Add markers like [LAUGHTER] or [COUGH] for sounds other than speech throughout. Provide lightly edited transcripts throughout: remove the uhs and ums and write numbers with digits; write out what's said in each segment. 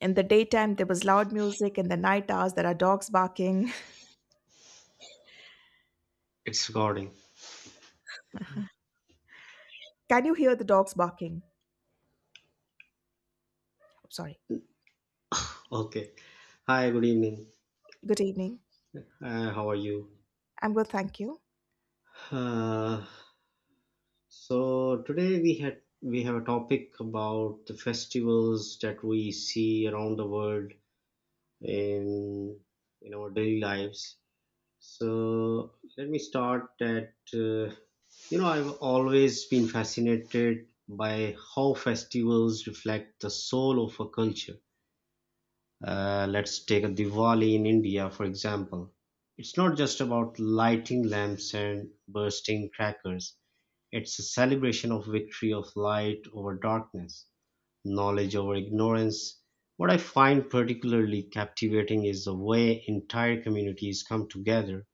In the daytime, there was loud music. In the night hours, there are dogs barking. It's recording. [LAUGHS] Can you hear the dogs barking? I'm Sorry. Okay. Hi, good evening. Good evening. How are you? I'm good, thank you. Uh, so today we have a topic about the festivals that we see around the world in in our daily lives. So let me start that. I've always been fascinated by how festivals reflect the soul of a culture. Let's take a Diwali in India, for example. It's not just about lighting lamps and bursting crackers. It's a celebration of victory of light over darkness, knowledge over ignorance. What I find particularly captivating is the way entire communities come together,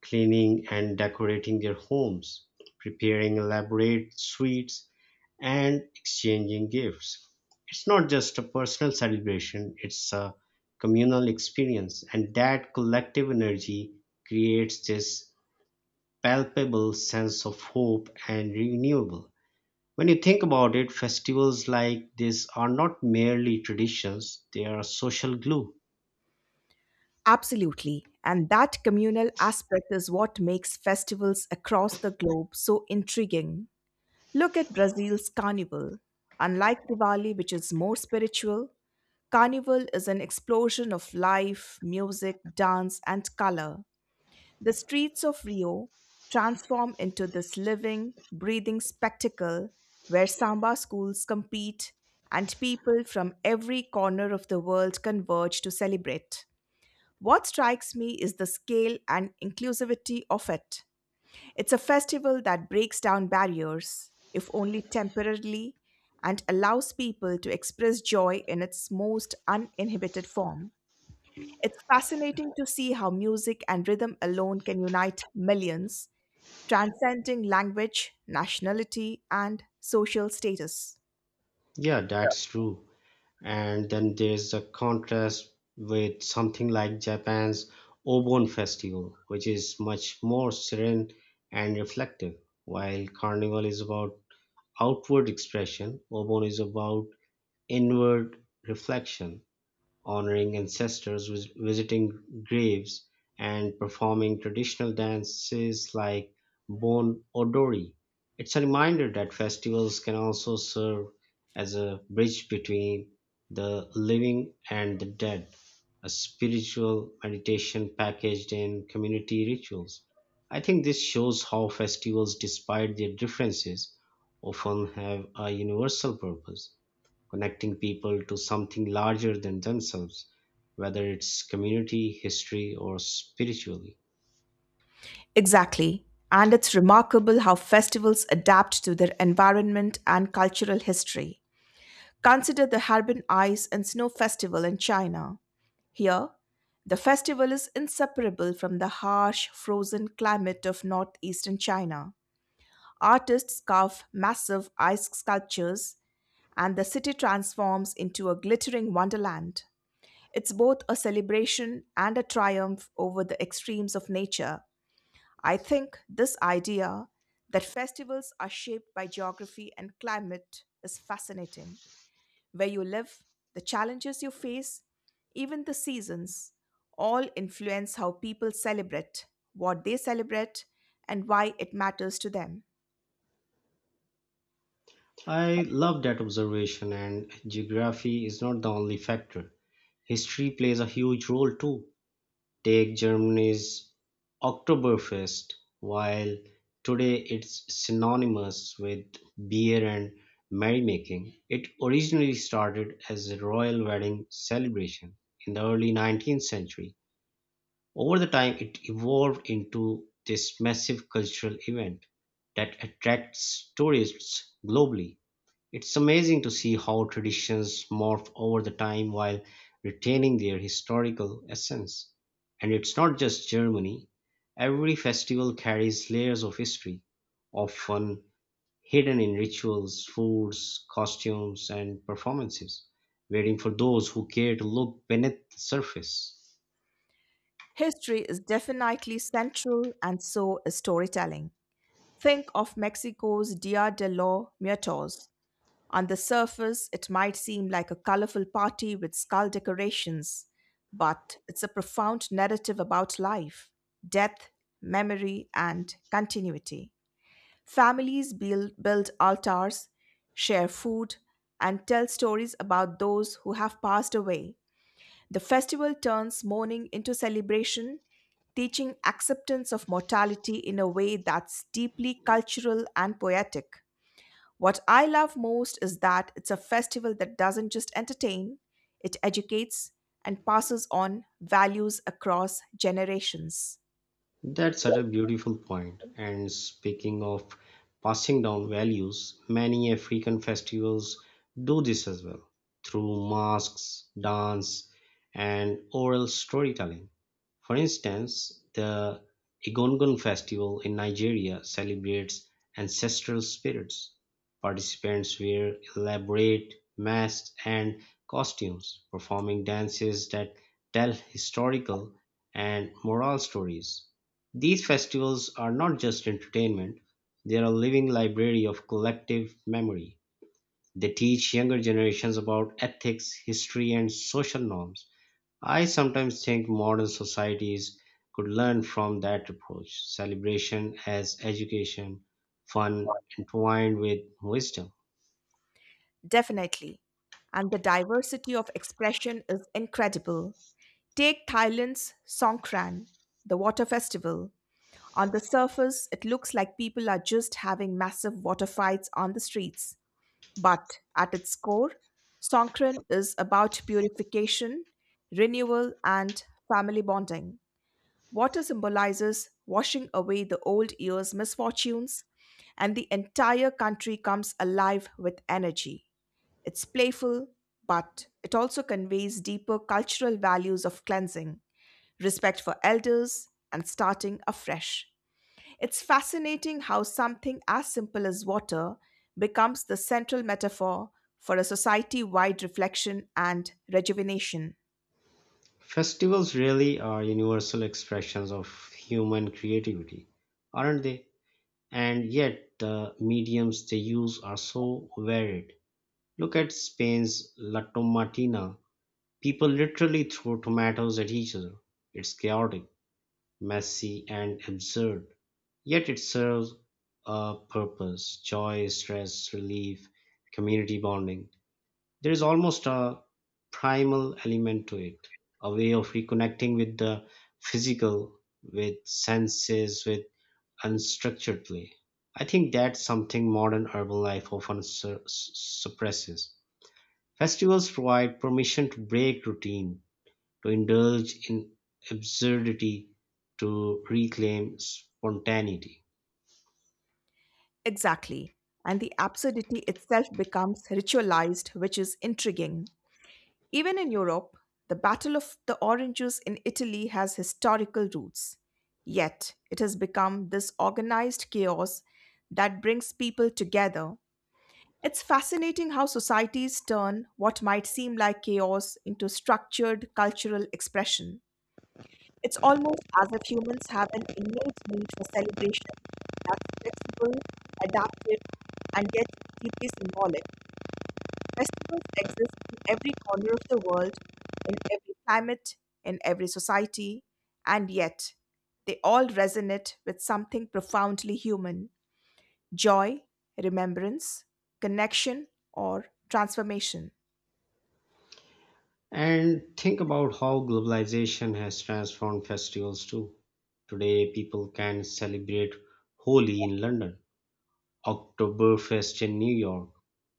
cleaning and decorating their homes, preparing elaborate sweets, and exchanging gifts. It's not just a personal celebration, it's a communal experience, and that collective energy creates this palpable sense of hope and renewable. When you think about it, festivals like this are not merely traditions, they are social glue. Absolutely. And that communal aspect is what makes festivals across the globe so intriguing. Look at Brazil's Carnival. Unlike Diwali, which is more spiritual, Carnival is an explosion of life, music, dance, and color. The streets of Rio transform into this living, breathing spectacle where samba schools compete and people from every corner of the world converge to celebrate. What strikes me is the scale and inclusivity of it. It's a festival that breaks down barriers, if only temporarily, and allows people to express joy in its most uninhibited form. It's fascinating to see how music and rhythm alone can unite millions, transcending language, nationality, and social status. Yeah, that's true. And then there's a contrast with something like Japan's Obon Festival, which is much more serene and reflective. While Carnival is about outward expression, Obon is about inward reflection, honoring ancestors, visiting graves, and performing traditional dances like Bon Odori. It's a reminder that festivals can also serve as a bridge between the living and the dead, a spiritual meditation packaged in community rituals. I think this shows how festivals, despite their differences, often have a universal purpose, connecting people to something larger than themselves, whether it's community, history, or spiritually. Exactly. And it's remarkable how festivals adapt to their environment and cultural history. Consider the Harbin Ice and Snow Festival in China. Here, the festival is inseparable from the harsh, frozen climate of northeastern China. Artists carve massive ice sculptures, and the city transforms into a glittering wonderland. It's both a celebration and a triumph over the extremes of nature. I think this idea that festivals are shaped by geography and climate is fascinating. Where you live, the challenges you face, even the seasons, all influence how people celebrate, what they celebrate, and why it matters to them. I love that observation, and geography is not the only factor. History plays a huge role too. Take Germany's Oktoberfest. While today it's synonymous with beer and merrymaking, it originally started as a royal wedding celebration in the early 19th century. Over the time it evolved into this massive cultural event that attracts tourists globally. It's amazing to see how traditions morph over the time while retaining their historical essence. And it's not just Germany. Every festival carries layers of history, often hidden in rituals, foods, costumes, and performances, waiting for those who care to look beneath the surface. History is definitely central, and so is storytelling. Think of Mexico's Dia de los Muertos. On the surface, it might seem like a colorful party with skull decorations, but it's a profound narrative about life, death, memory, and continuity. Families build altars, share food, and tell stories about those who have passed away. The festival turns mourning into celebration, teaching acceptance of mortality in a way that's deeply cultural and poetic. What I love most is that it's a festival that doesn't just entertain, it educates and passes on values across generations. That's such a beautiful point. And speaking of passing down values, many African festivals do this as well through masks, dance, and oral storytelling. For instance, the Igongon festival in Nigeria celebrates ancestral spirits; participants wear elaborate masks and costumes, performing dances that tell historical and moral stories. These festivals are not just entertainment, they are a living library of collective memory. They teach younger generations about ethics, history, and social norms. I sometimes think modern societies could learn from that approach, celebration as education, fun entwined with wisdom. Definitely. And the diversity of expression is incredible. Take Thailand's Songkran, the water festival. On the surface, it looks like people are just having massive water fights on the streets. But at its core, Songkran is about purification, renewal, and family bonding. Water symbolizes washing away the old year's misfortunes, and the entire country comes alive with energy. It's playful, but it also conveys deeper cultural values of cleansing, respect for elders, and starting afresh. It's fascinating how something as simple as water becomes the central metaphor for a society wide reflection and rejuvenation. Festivals really are universal expressions of human creativity, aren't they? And yet, the mediums they use are so varied. Look at Spain's La Tomatina. People literally throw tomatoes at each other. It's chaotic, messy and absurd, yet it serves a purpose, joy, stress relief, community bonding. There is almost a primal element to it, a way of reconnecting with the physical, with senses, with unstructured play. I think that's something modern urban life often suppresses. Festivals provide permission to break routine, to indulge in absurdity, to reclaim spontaneity. Exactly. And the absurdity itself becomes ritualized, which is intriguing. Even in Europe, the Battle of the Oranges in Italy has historical roots. Yet, it has become this organized chaos that brings people together. It's fascinating how societies turn what might seem like chaos into structured cultural expression. It's almost as if humans have an innate need for celebration that's flexible, adaptive, and yet deeply symbolic. Festivals exist in every corner of the world, in every climate, in every society, and yet they all resonate with something profoundly human: joy, remembrance, connection, or transformation. And think about how globalization has transformed festivals too. Today, people can celebrate Holi in London, Oktoberfest in New York,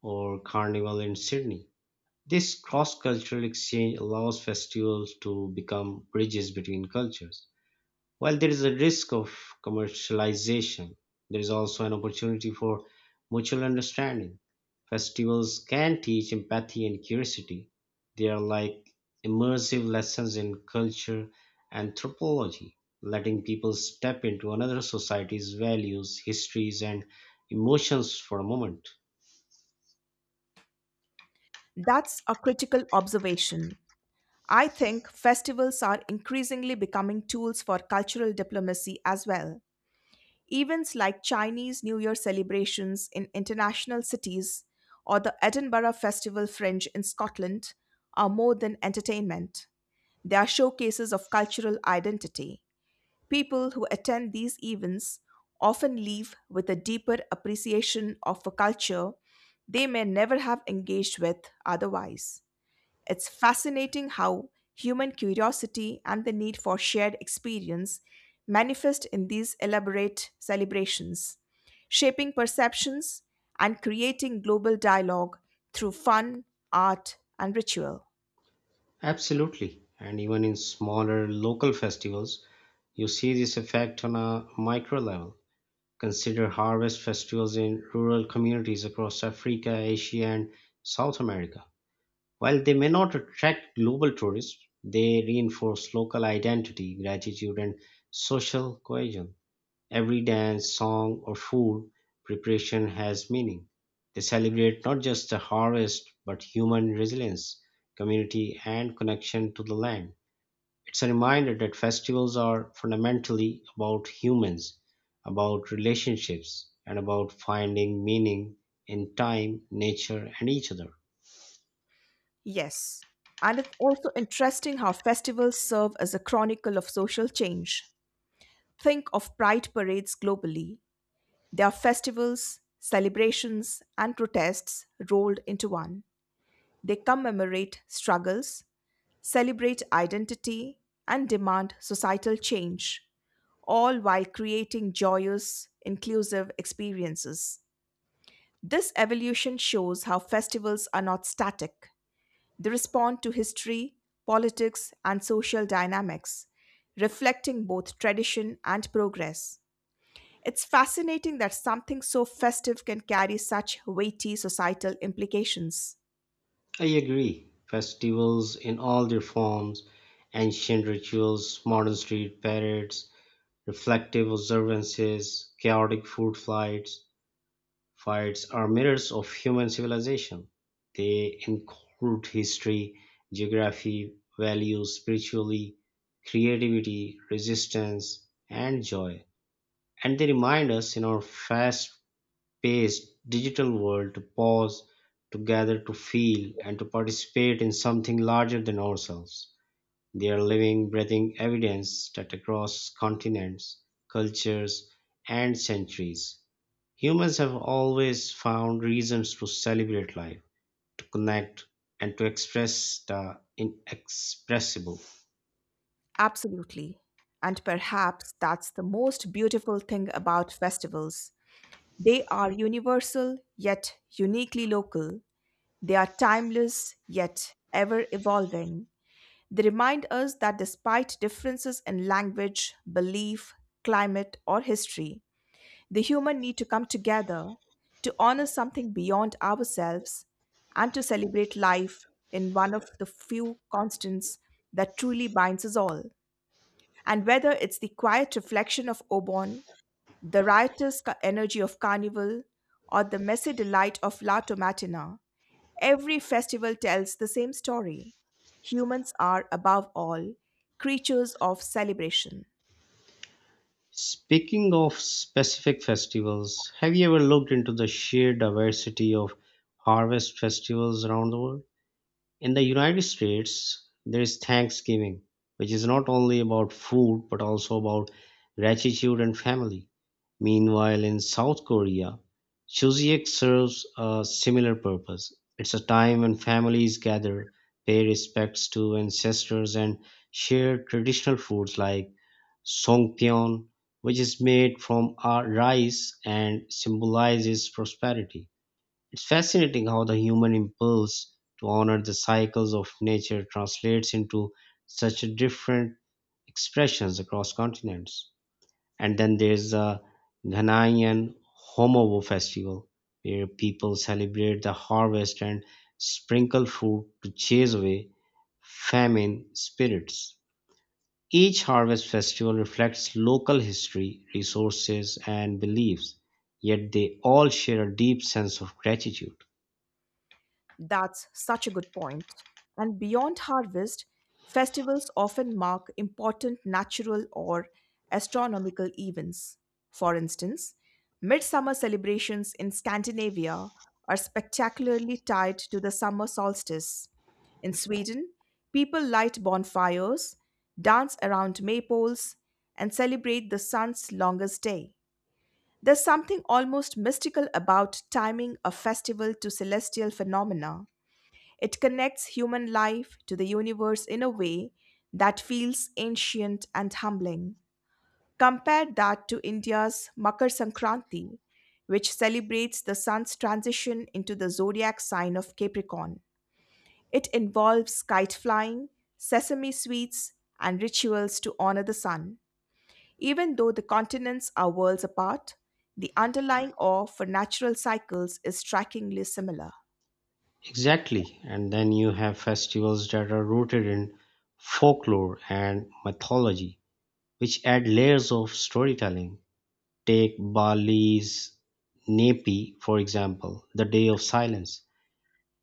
or Carnival in Sydney. This cross cultural exchange allows festivals to become bridges between cultures. While there is a risk of commercialization, there is also an opportunity for mutual understanding. Festivals can teach empathy and curiosity. They are like immersive lessons in culture anthropology, letting people step into another society's values, histories, and emotions for a moment. That's a critical observation. I think festivals are increasingly becoming tools for cultural diplomacy as well. Events like Chinese New Year celebrations in international cities or the Edinburgh Festival Fringe in Scotland are more than entertainment. They are showcases of cultural identity. People who attend these events often leave with a deeper appreciation of a culture they may never have engaged with otherwise. It's fascinating how human curiosity and the need for shared experience manifest in these elaborate celebrations, shaping perceptions and creating global dialogue through fun, art, and ritual. Absolutely. And even in smaller local festivals, you see this effect on a micro level. Consider harvest festivals in rural communities across Africa, Asia, and South America. While they may not attract global tourists, they reinforce local identity, gratitude, and social cohesion. Every dance, song, or food preparation has meaning. They celebrate not just the harvest, but human resilience, community, and connection to the land. It's a reminder that festivals are fundamentally about humans, about relationships, and about finding meaning in time, nature, and each other. Yes. And it's also interesting how festivals serve as a chronicle of social change. Think of pride parades globally. They are festivals, celebrations, and protests rolled into one. They commemorate struggles, celebrate identity, and demand societal change, all while creating joyous, inclusive experiences. This evolution shows how festivals are not static. They respond to history, politics, and social dynamics, reflecting both tradition and progress. It's fascinating that something so festive can carry such weighty societal implications. I agree. Festivals in all their forms, ancient rituals, modern street parades, reflective observances, chaotic food flights, Fights are mirrors of human civilization; they include history, geography, values, spirituality, creativity, resistance, and joy. And they remind us in our fast-paced digital world to pause, to gather, to feel, and to participate in something larger than ourselves. They are living, breathing evidence that across continents, cultures, and centuries, humans have always found reasons to celebrate life, to connect, and to express the inexpressible. Absolutely. And perhaps that's the most beautiful thing about festivals. They are universal yet uniquely local. They are timeless yet ever evolving. They remind us that despite differences in language, belief, climate, or history, the human need to come together, to honor something beyond ourselves, and to celebrate life in one of the few constants that truly binds us all. And whether it's the quiet reflection of Obon, the riotous energy of Carnival, or the messy delight of La Tomatina, every festival tells the same story. Humans are, above all, creatures of celebration. Speaking of specific festivals, have you ever looked into the sheer diversity of harvest festivals around the world? In the United States, there is Thanksgiving, which is not only about food but also about gratitude and family. Meanwhile, in South Korea, Chuseok serves a similar purpose. It's a time when families gather, pay respects to ancestors, and share traditional foods like songpyeon, which is made from rice and symbolizes prosperity. It's fascinating how the human impulse to honor the cycles of nature translates into such different expressions across continents. And then there's the Ghanaian Homowo festival, where people celebrate the harvest and sprinkle food to chase away famine spirits. Each harvest festival reflects local history, resources, and beliefs, yet they all share a deep sense of gratitude. That's such a good point. And beyond harvest, festivals often mark important natural or astronomical events. For instance, midsummer celebrations in Scandinavia are spectacularly tied to the summer solstice. In Sweden, people light bonfires, dance around maypoles, and celebrate the sun's longest day. There's something almost mystical about timing a festival to celestial phenomena. It connects human life to the universe in a way that feels ancient and humbling. Compare that to India's Makar Sankranti, which celebrates the sun's transition into the zodiac sign of Capricorn. It involves kite flying, sesame sweets, and rituals to honor the sun. Even though the continents are worlds apart, the underlying awe for natural cycles is strikingly similar. Exactly. And then you have festivals that are rooted in folklore and mythology, which add layers of storytelling. Take Bali's Nepi, for example, the Day of Silence.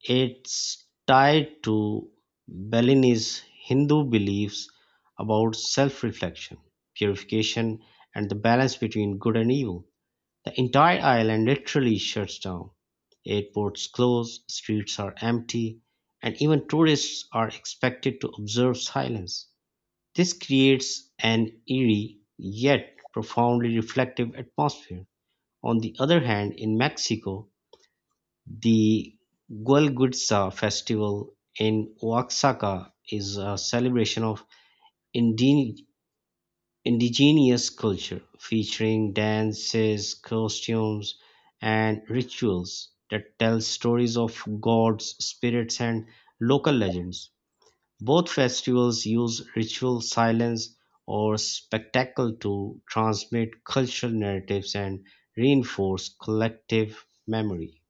It's tied to Balinese Hindu beliefs about self reflection, purification, and the balance between good and evil. The entire island literally shuts down, airports close, streets are empty, and even tourists are expected to observe silence. This creates an eerie yet profoundly reflective atmosphere. On the other hand, in Mexico, the Gualguitza festival in Oaxaca is a celebration of indigenous Indigenous culture, featuring dances, costumes, and rituals that tell stories of gods, spirits, and local legends. Both festivals use ritual, silence, or spectacle to transmit cultural narratives and reinforce collective memory.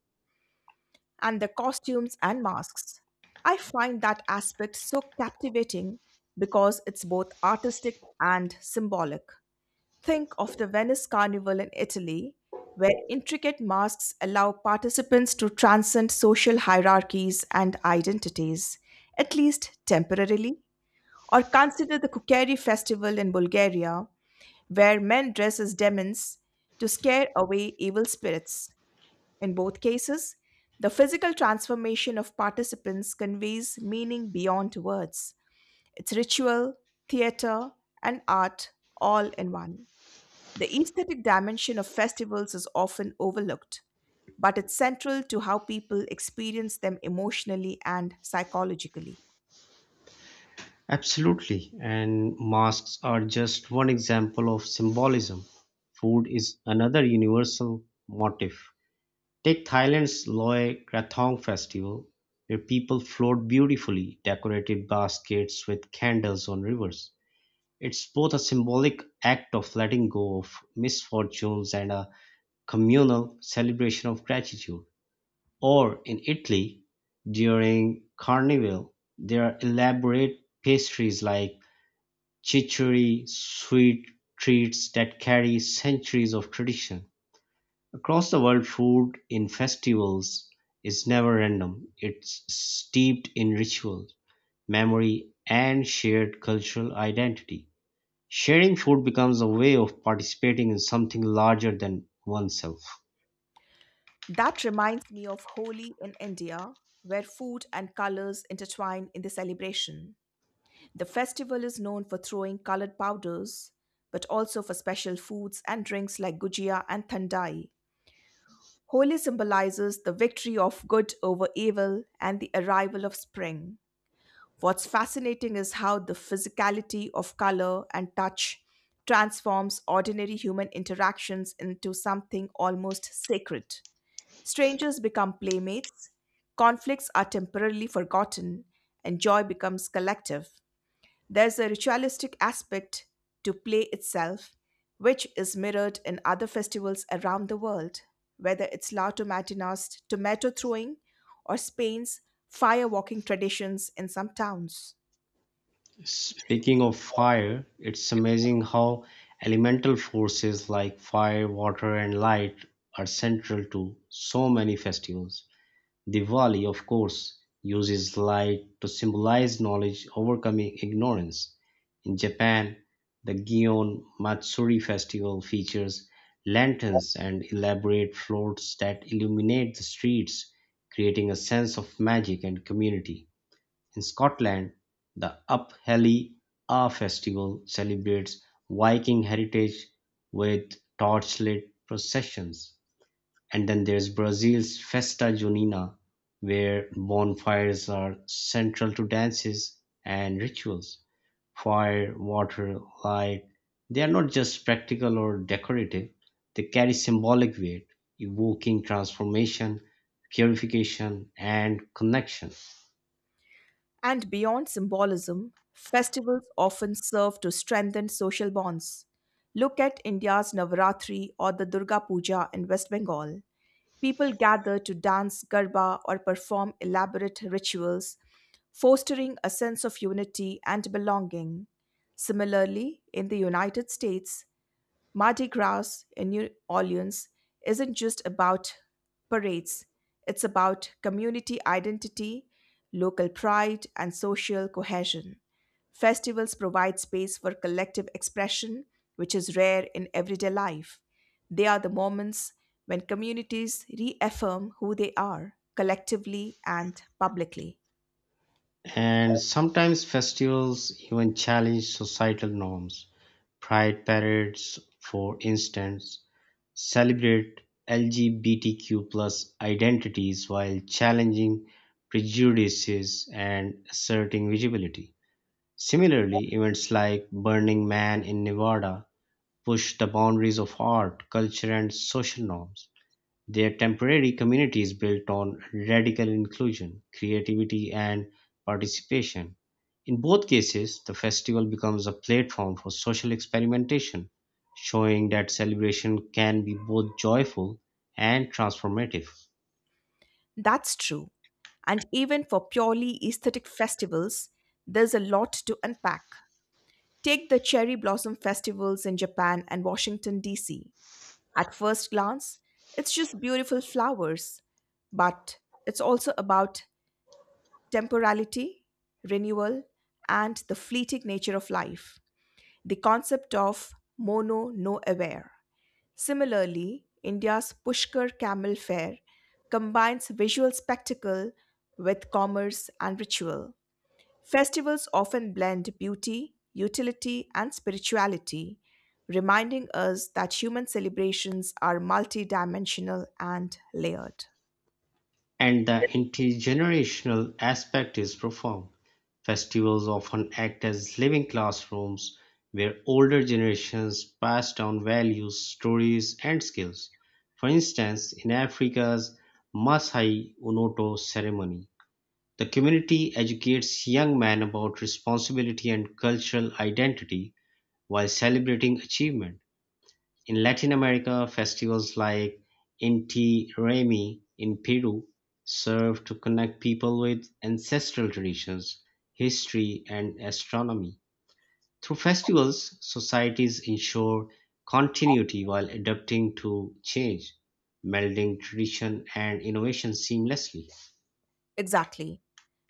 And the costumes and masks. I find that aspect so captivating because it's both artistic and symbolic. Think of the Venice Carnival in Italy, where intricate masks allow participants to transcend social hierarchies and identities, at least temporarily. Or consider the Kukeri festival in Bulgaria, where men dress as demons to scare away evil spirits. In both cases, the physical transformation of participants conveys meaning beyond words. It's ritual, theater, and art all in one. The aesthetic dimension of festivals is often overlooked, but it's central to how people experience them emotionally and psychologically. Absolutely, and masks are just one example of symbolism. Food is another universal motif. Take Thailand's Loe Krathong festival, where people float beautifully decorated baskets with candles on rivers. It's both a symbolic act of letting go of misfortunes and a communal celebration of gratitude. Or in Italy, during Carnival, there are elaborate pastries like chicory, sweet treats that carry centuries of tradition. Across the world food in festivals is never random, it's steeped in ritual, memory and shared cultural identity. Sharing food becomes a way of participating in something larger than oneself. That reminds me of Holi in India, where food and colors intertwine in the celebration. The festival is known for throwing colored powders, but also for special foods and drinks like gujia and thandai. Holi symbolizes the victory of good over evil and the arrival of spring. What's fascinating is how the physicality of color and touch transforms ordinary human interactions into something almost sacred. Strangers become playmates, conflicts are temporarily forgotten, and joy becomes collective. There's a ritualistic aspect to play itself, which is mirrored in other festivals around the world, whether it's La Tomatina's tomato throwing or Spain's firewalking traditions in some towns. Speaking of fire, it's amazing how elemental forces like fire, water, and light are central to so many festivals. Diwali, of course, uses light to symbolize knowledge overcoming ignorance. In Japan, the Gion Matsuri festival features lanterns and elaborate floats that illuminate the streets, creating a sense of magic and community. In Scotland, the Upheli A festival celebrates Viking heritage with torchlit processions. And then there's Brazil's Festa Junina, where bonfires are central to dances and rituals. Fire, water, light, they are not just practical or decorative, they carry symbolic weight, evoking transformation, purification, and connection. And beyond symbolism, festivals often serve to strengthen social bonds. Look at India's Navaratri or the Durga Puja in West Bengal. People gather to dance garba or perform elaborate rituals fostering a sense of unity and belonging. Similarly, in the United States, Mardi Gras in New Orleans isn't just about parades, it's about community identity, local pride, and social cohesion. Festivals provide space for collective expression, which is rare in everyday life. They are the moments when communities reaffirm who they are, collectively and publicly. And sometimes festivals even challenge societal norms. Pride parades, for instance, celebrate LGBTQ plus identities while challenging prejudices and asserting visibility. Similarly, events like Burning Man in Nevada push the boundaries of art, culture, and social norms. Their temporary communities built on radical inclusion, creativity and participation. In both cases, the festival becomes a platform for social experimentation, showing that celebration can be both joyful and transformative. That's true. And even for purely aesthetic festivals, there's a lot to unpack. Take the cherry blossom festivals in Japan and Washington, D.C. At first glance, it's just beautiful flowers, but it's also about temporality, renewal, and the fleeting nature of life. The concept of mono no aware. Similarly, India's Pushkar Camel Fair combines visual spectacle with commerce and ritual. Festivals often blend beauty, utility, and spirituality, reminding us that human celebrations are multidimensional and layered. And the intergenerational aspect is profound. Festivals often act as living classrooms where older generations pass down values, stories, and skills. For instance, in Africa's Masai Unoto ceremony, the community educates young men about responsibility and cultural identity while celebrating achievement. In Latin America, festivals like Inti Raymi in Peru serve to connect people with ancestral traditions, history, and astronomy. Through festivals, societies ensure continuity while adapting to change, melding tradition and innovation seamlessly. Exactly.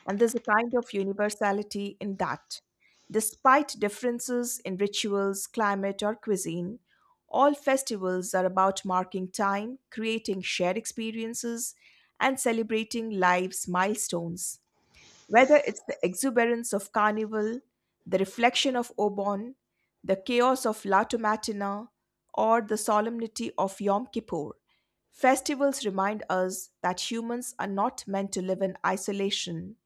And there's a kind of universality in that. Despite differences in rituals, climate, or cuisine, all festivals are about marking time, creating shared experiences, and celebrating life's milestones. Whether it's the exuberance of Carnival, the reflection of Obon, the chaos of Lata Matina, or the solemnity of Yom Kippur, festivals remind us that humans are not meant to live in isolation.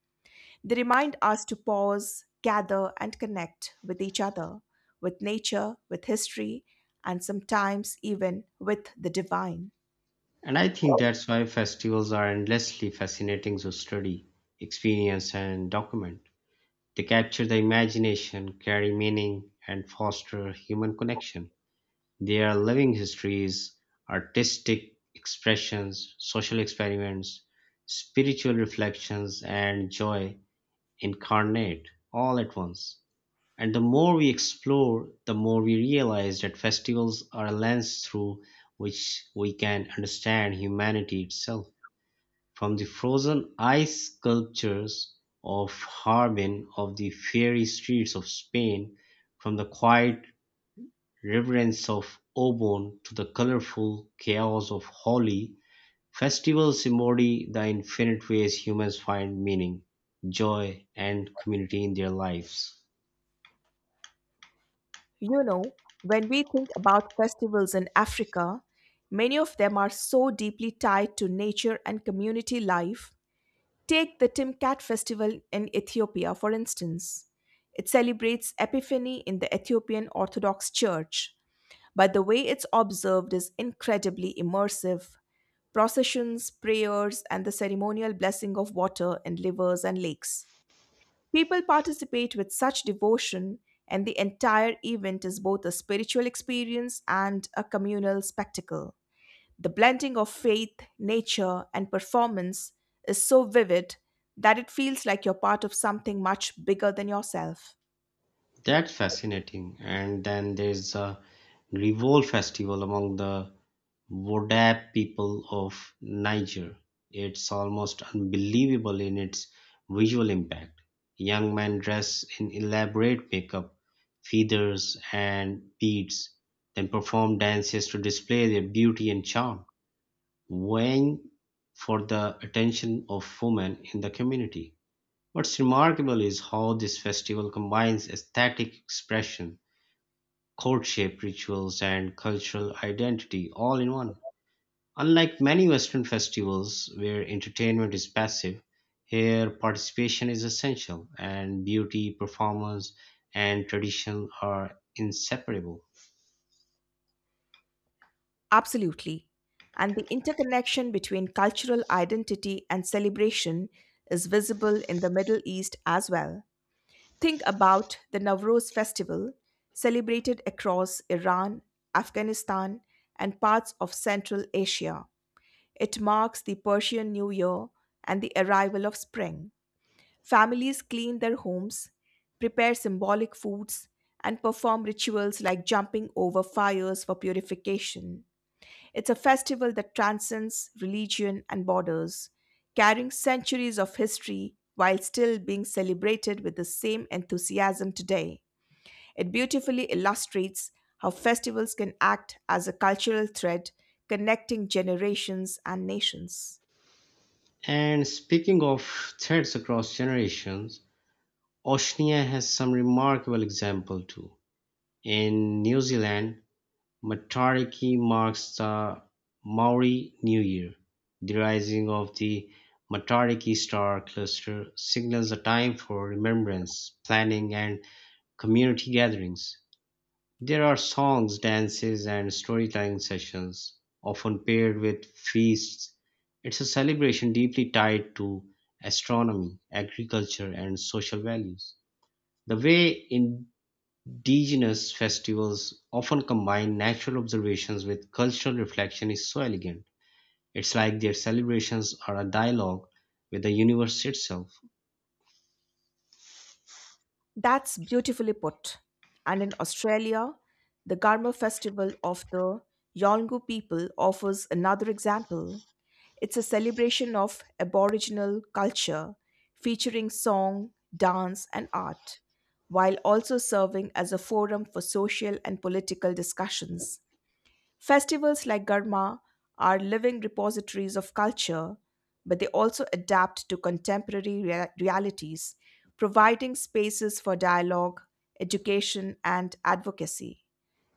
They remind us to pause, gather, and connect with each other, with nature, with history, and sometimes even with the divine. And I think that's why festivals are endlessly fascinating to study, experience, and document. They capture the imagination, carry meaning, and foster human connection. Their living histories, artistic expressions, social experiments, spiritual reflections, and joy incarnate all at once. And the more we explore, the more we realize that festivals are a lens through which we can understand humanity itself. From the frozen ice sculptures of Harbin, of the fairy streets of Spain, from the quiet reverence of Obon to the colorful chaos of Holi, festivals embody the infinite ways humans find meaning, joy, and community in their lives. You know, when we think about festivals in Africa, many of them are so deeply tied to nature and community life. Take the Timkat festival in Ethiopia, for instance. It celebrates Epiphany in the Ethiopian Orthodox Church, but the way it's observed is incredibly immersive: processions, prayers, and the ceremonial blessing of water in rivers and lakes. People participate with such devotion, and the entire event is both a spiritual experience and a communal spectacle. The blending of faith, nature, and performance is so vivid that it feels like you're part of something much bigger than yourself. That's fascinating. And then there's a Grivol festival among the Vodab people of Niger. It's almost unbelievable in its visual impact. Young men dress in elaborate makeup, feathers, and beads, then perform dances to display their beauty and charm, vying for the attention of women in the community. What's remarkable is how this festival combines aesthetic expression, courtship rituals, and cultural identity all in one. Unlike many Western festivals, where entertainment is passive, here participation is essential, and beauty, performance, and tradition are inseparable. Absolutely. And the interconnection between cultural identity and celebration is visible in the Middle East as well. Think about the Nowruz festival, celebrated across Iran, Afghanistan, and parts of Central Asia. It marks the Persian New Year and the arrival of spring. Families clean their homes, prepare symbolic foods, and perform rituals like jumping over fires for purification. It's a festival that transcends religion and borders, carrying centuries of history while still being celebrated with the same enthusiasm today. It beautifully illustrates how festivals can act as a cultural thread connecting generations and nations. And speaking of threads across generations, Oceania has some remarkable example too. In New Zealand, Matariki marks the Maori New Year. The rising of the Matariki star cluster signals a time for remembrance, planning, and community gatherings. There are songs, dances, and storytelling sessions, often paired with feasts. It's a celebration deeply tied to astronomy, agriculture, and social values. The way in Indigenous festivals often combine natural observations with cultural reflection is so elegant. It's like their celebrations are a dialogue with the universe itself. That's beautifully put. And in Australia, the Garma Festival of the Yolngu people offers another example. It's a celebration of Aboriginal culture featuring song, dance, and art, while also serving as a forum for social and political discussions. Festivals like Garma are living repositories of culture, but they also adapt to contemporary realities, providing spaces for dialogue, education, and advocacy.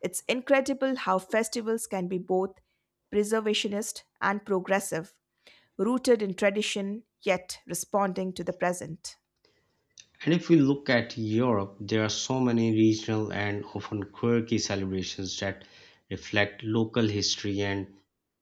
It's incredible how festivals can be both preservationist and progressive, rooted in tradition yet responding to the present. And if we look at Europe, there are so many regional and often quirky celebrations that reflect local history and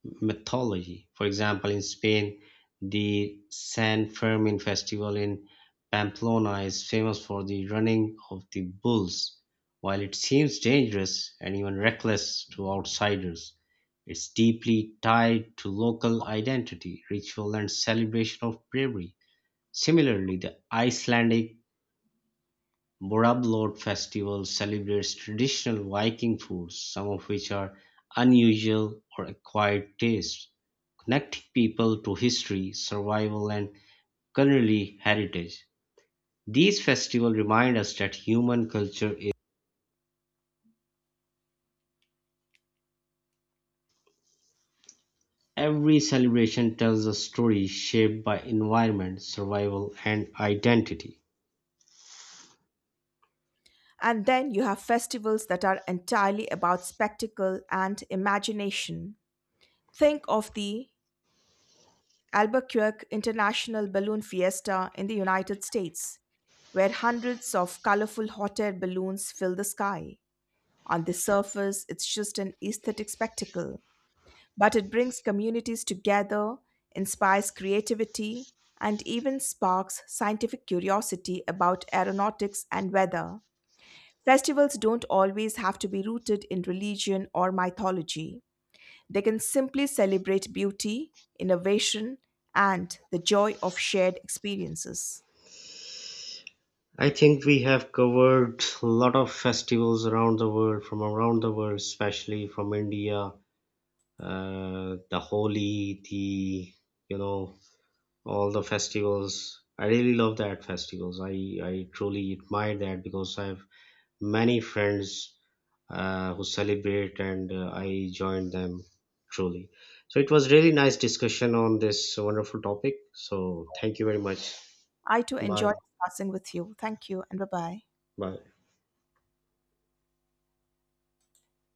mythology. For example, in Spain, the San Fermin festival in Pamplona is famous for the running of the bulls. While it seems dangerous and even reckless to outsiders, it's deeply tied to local identity, ritual, and celebration of bravery. Similarly, the Icelandic Borablod Festival celebrates traditional Viking foods, some of which are unusual or acquired tastes, connecting people to history, survival, and culinary heritage. These festivals remind us that human culture is every celebration tells a story shaped by environment, survival, and identity. And then you have festivals that are entirely about spectacle and imagination. Think of the Albuquerque International Balloon Fiesta in the United States, where hundreds of colorful hot air balloons fill the sky. On the surface, it's just an aesthetic spectacle, but it brings communities together, inspires creativity, and even sparks scientific curiosity about aeronautics and weather. Festivals don't always have to be rooted in religion or mythology. They can simply celebrate beauty, innovation, and the joy of shared experiences. I think we have covered a lot of festivals from around the world, especially from India, the Holi, the you know all the festivals. I really love that festivals. I truly admire that because I have many friends who celebrate and I join them truly. So it was really nice discussion on this wonderful topic. So thank you very much. I too enjoyed Bye discussing with you. Thank you and bye bye. bye.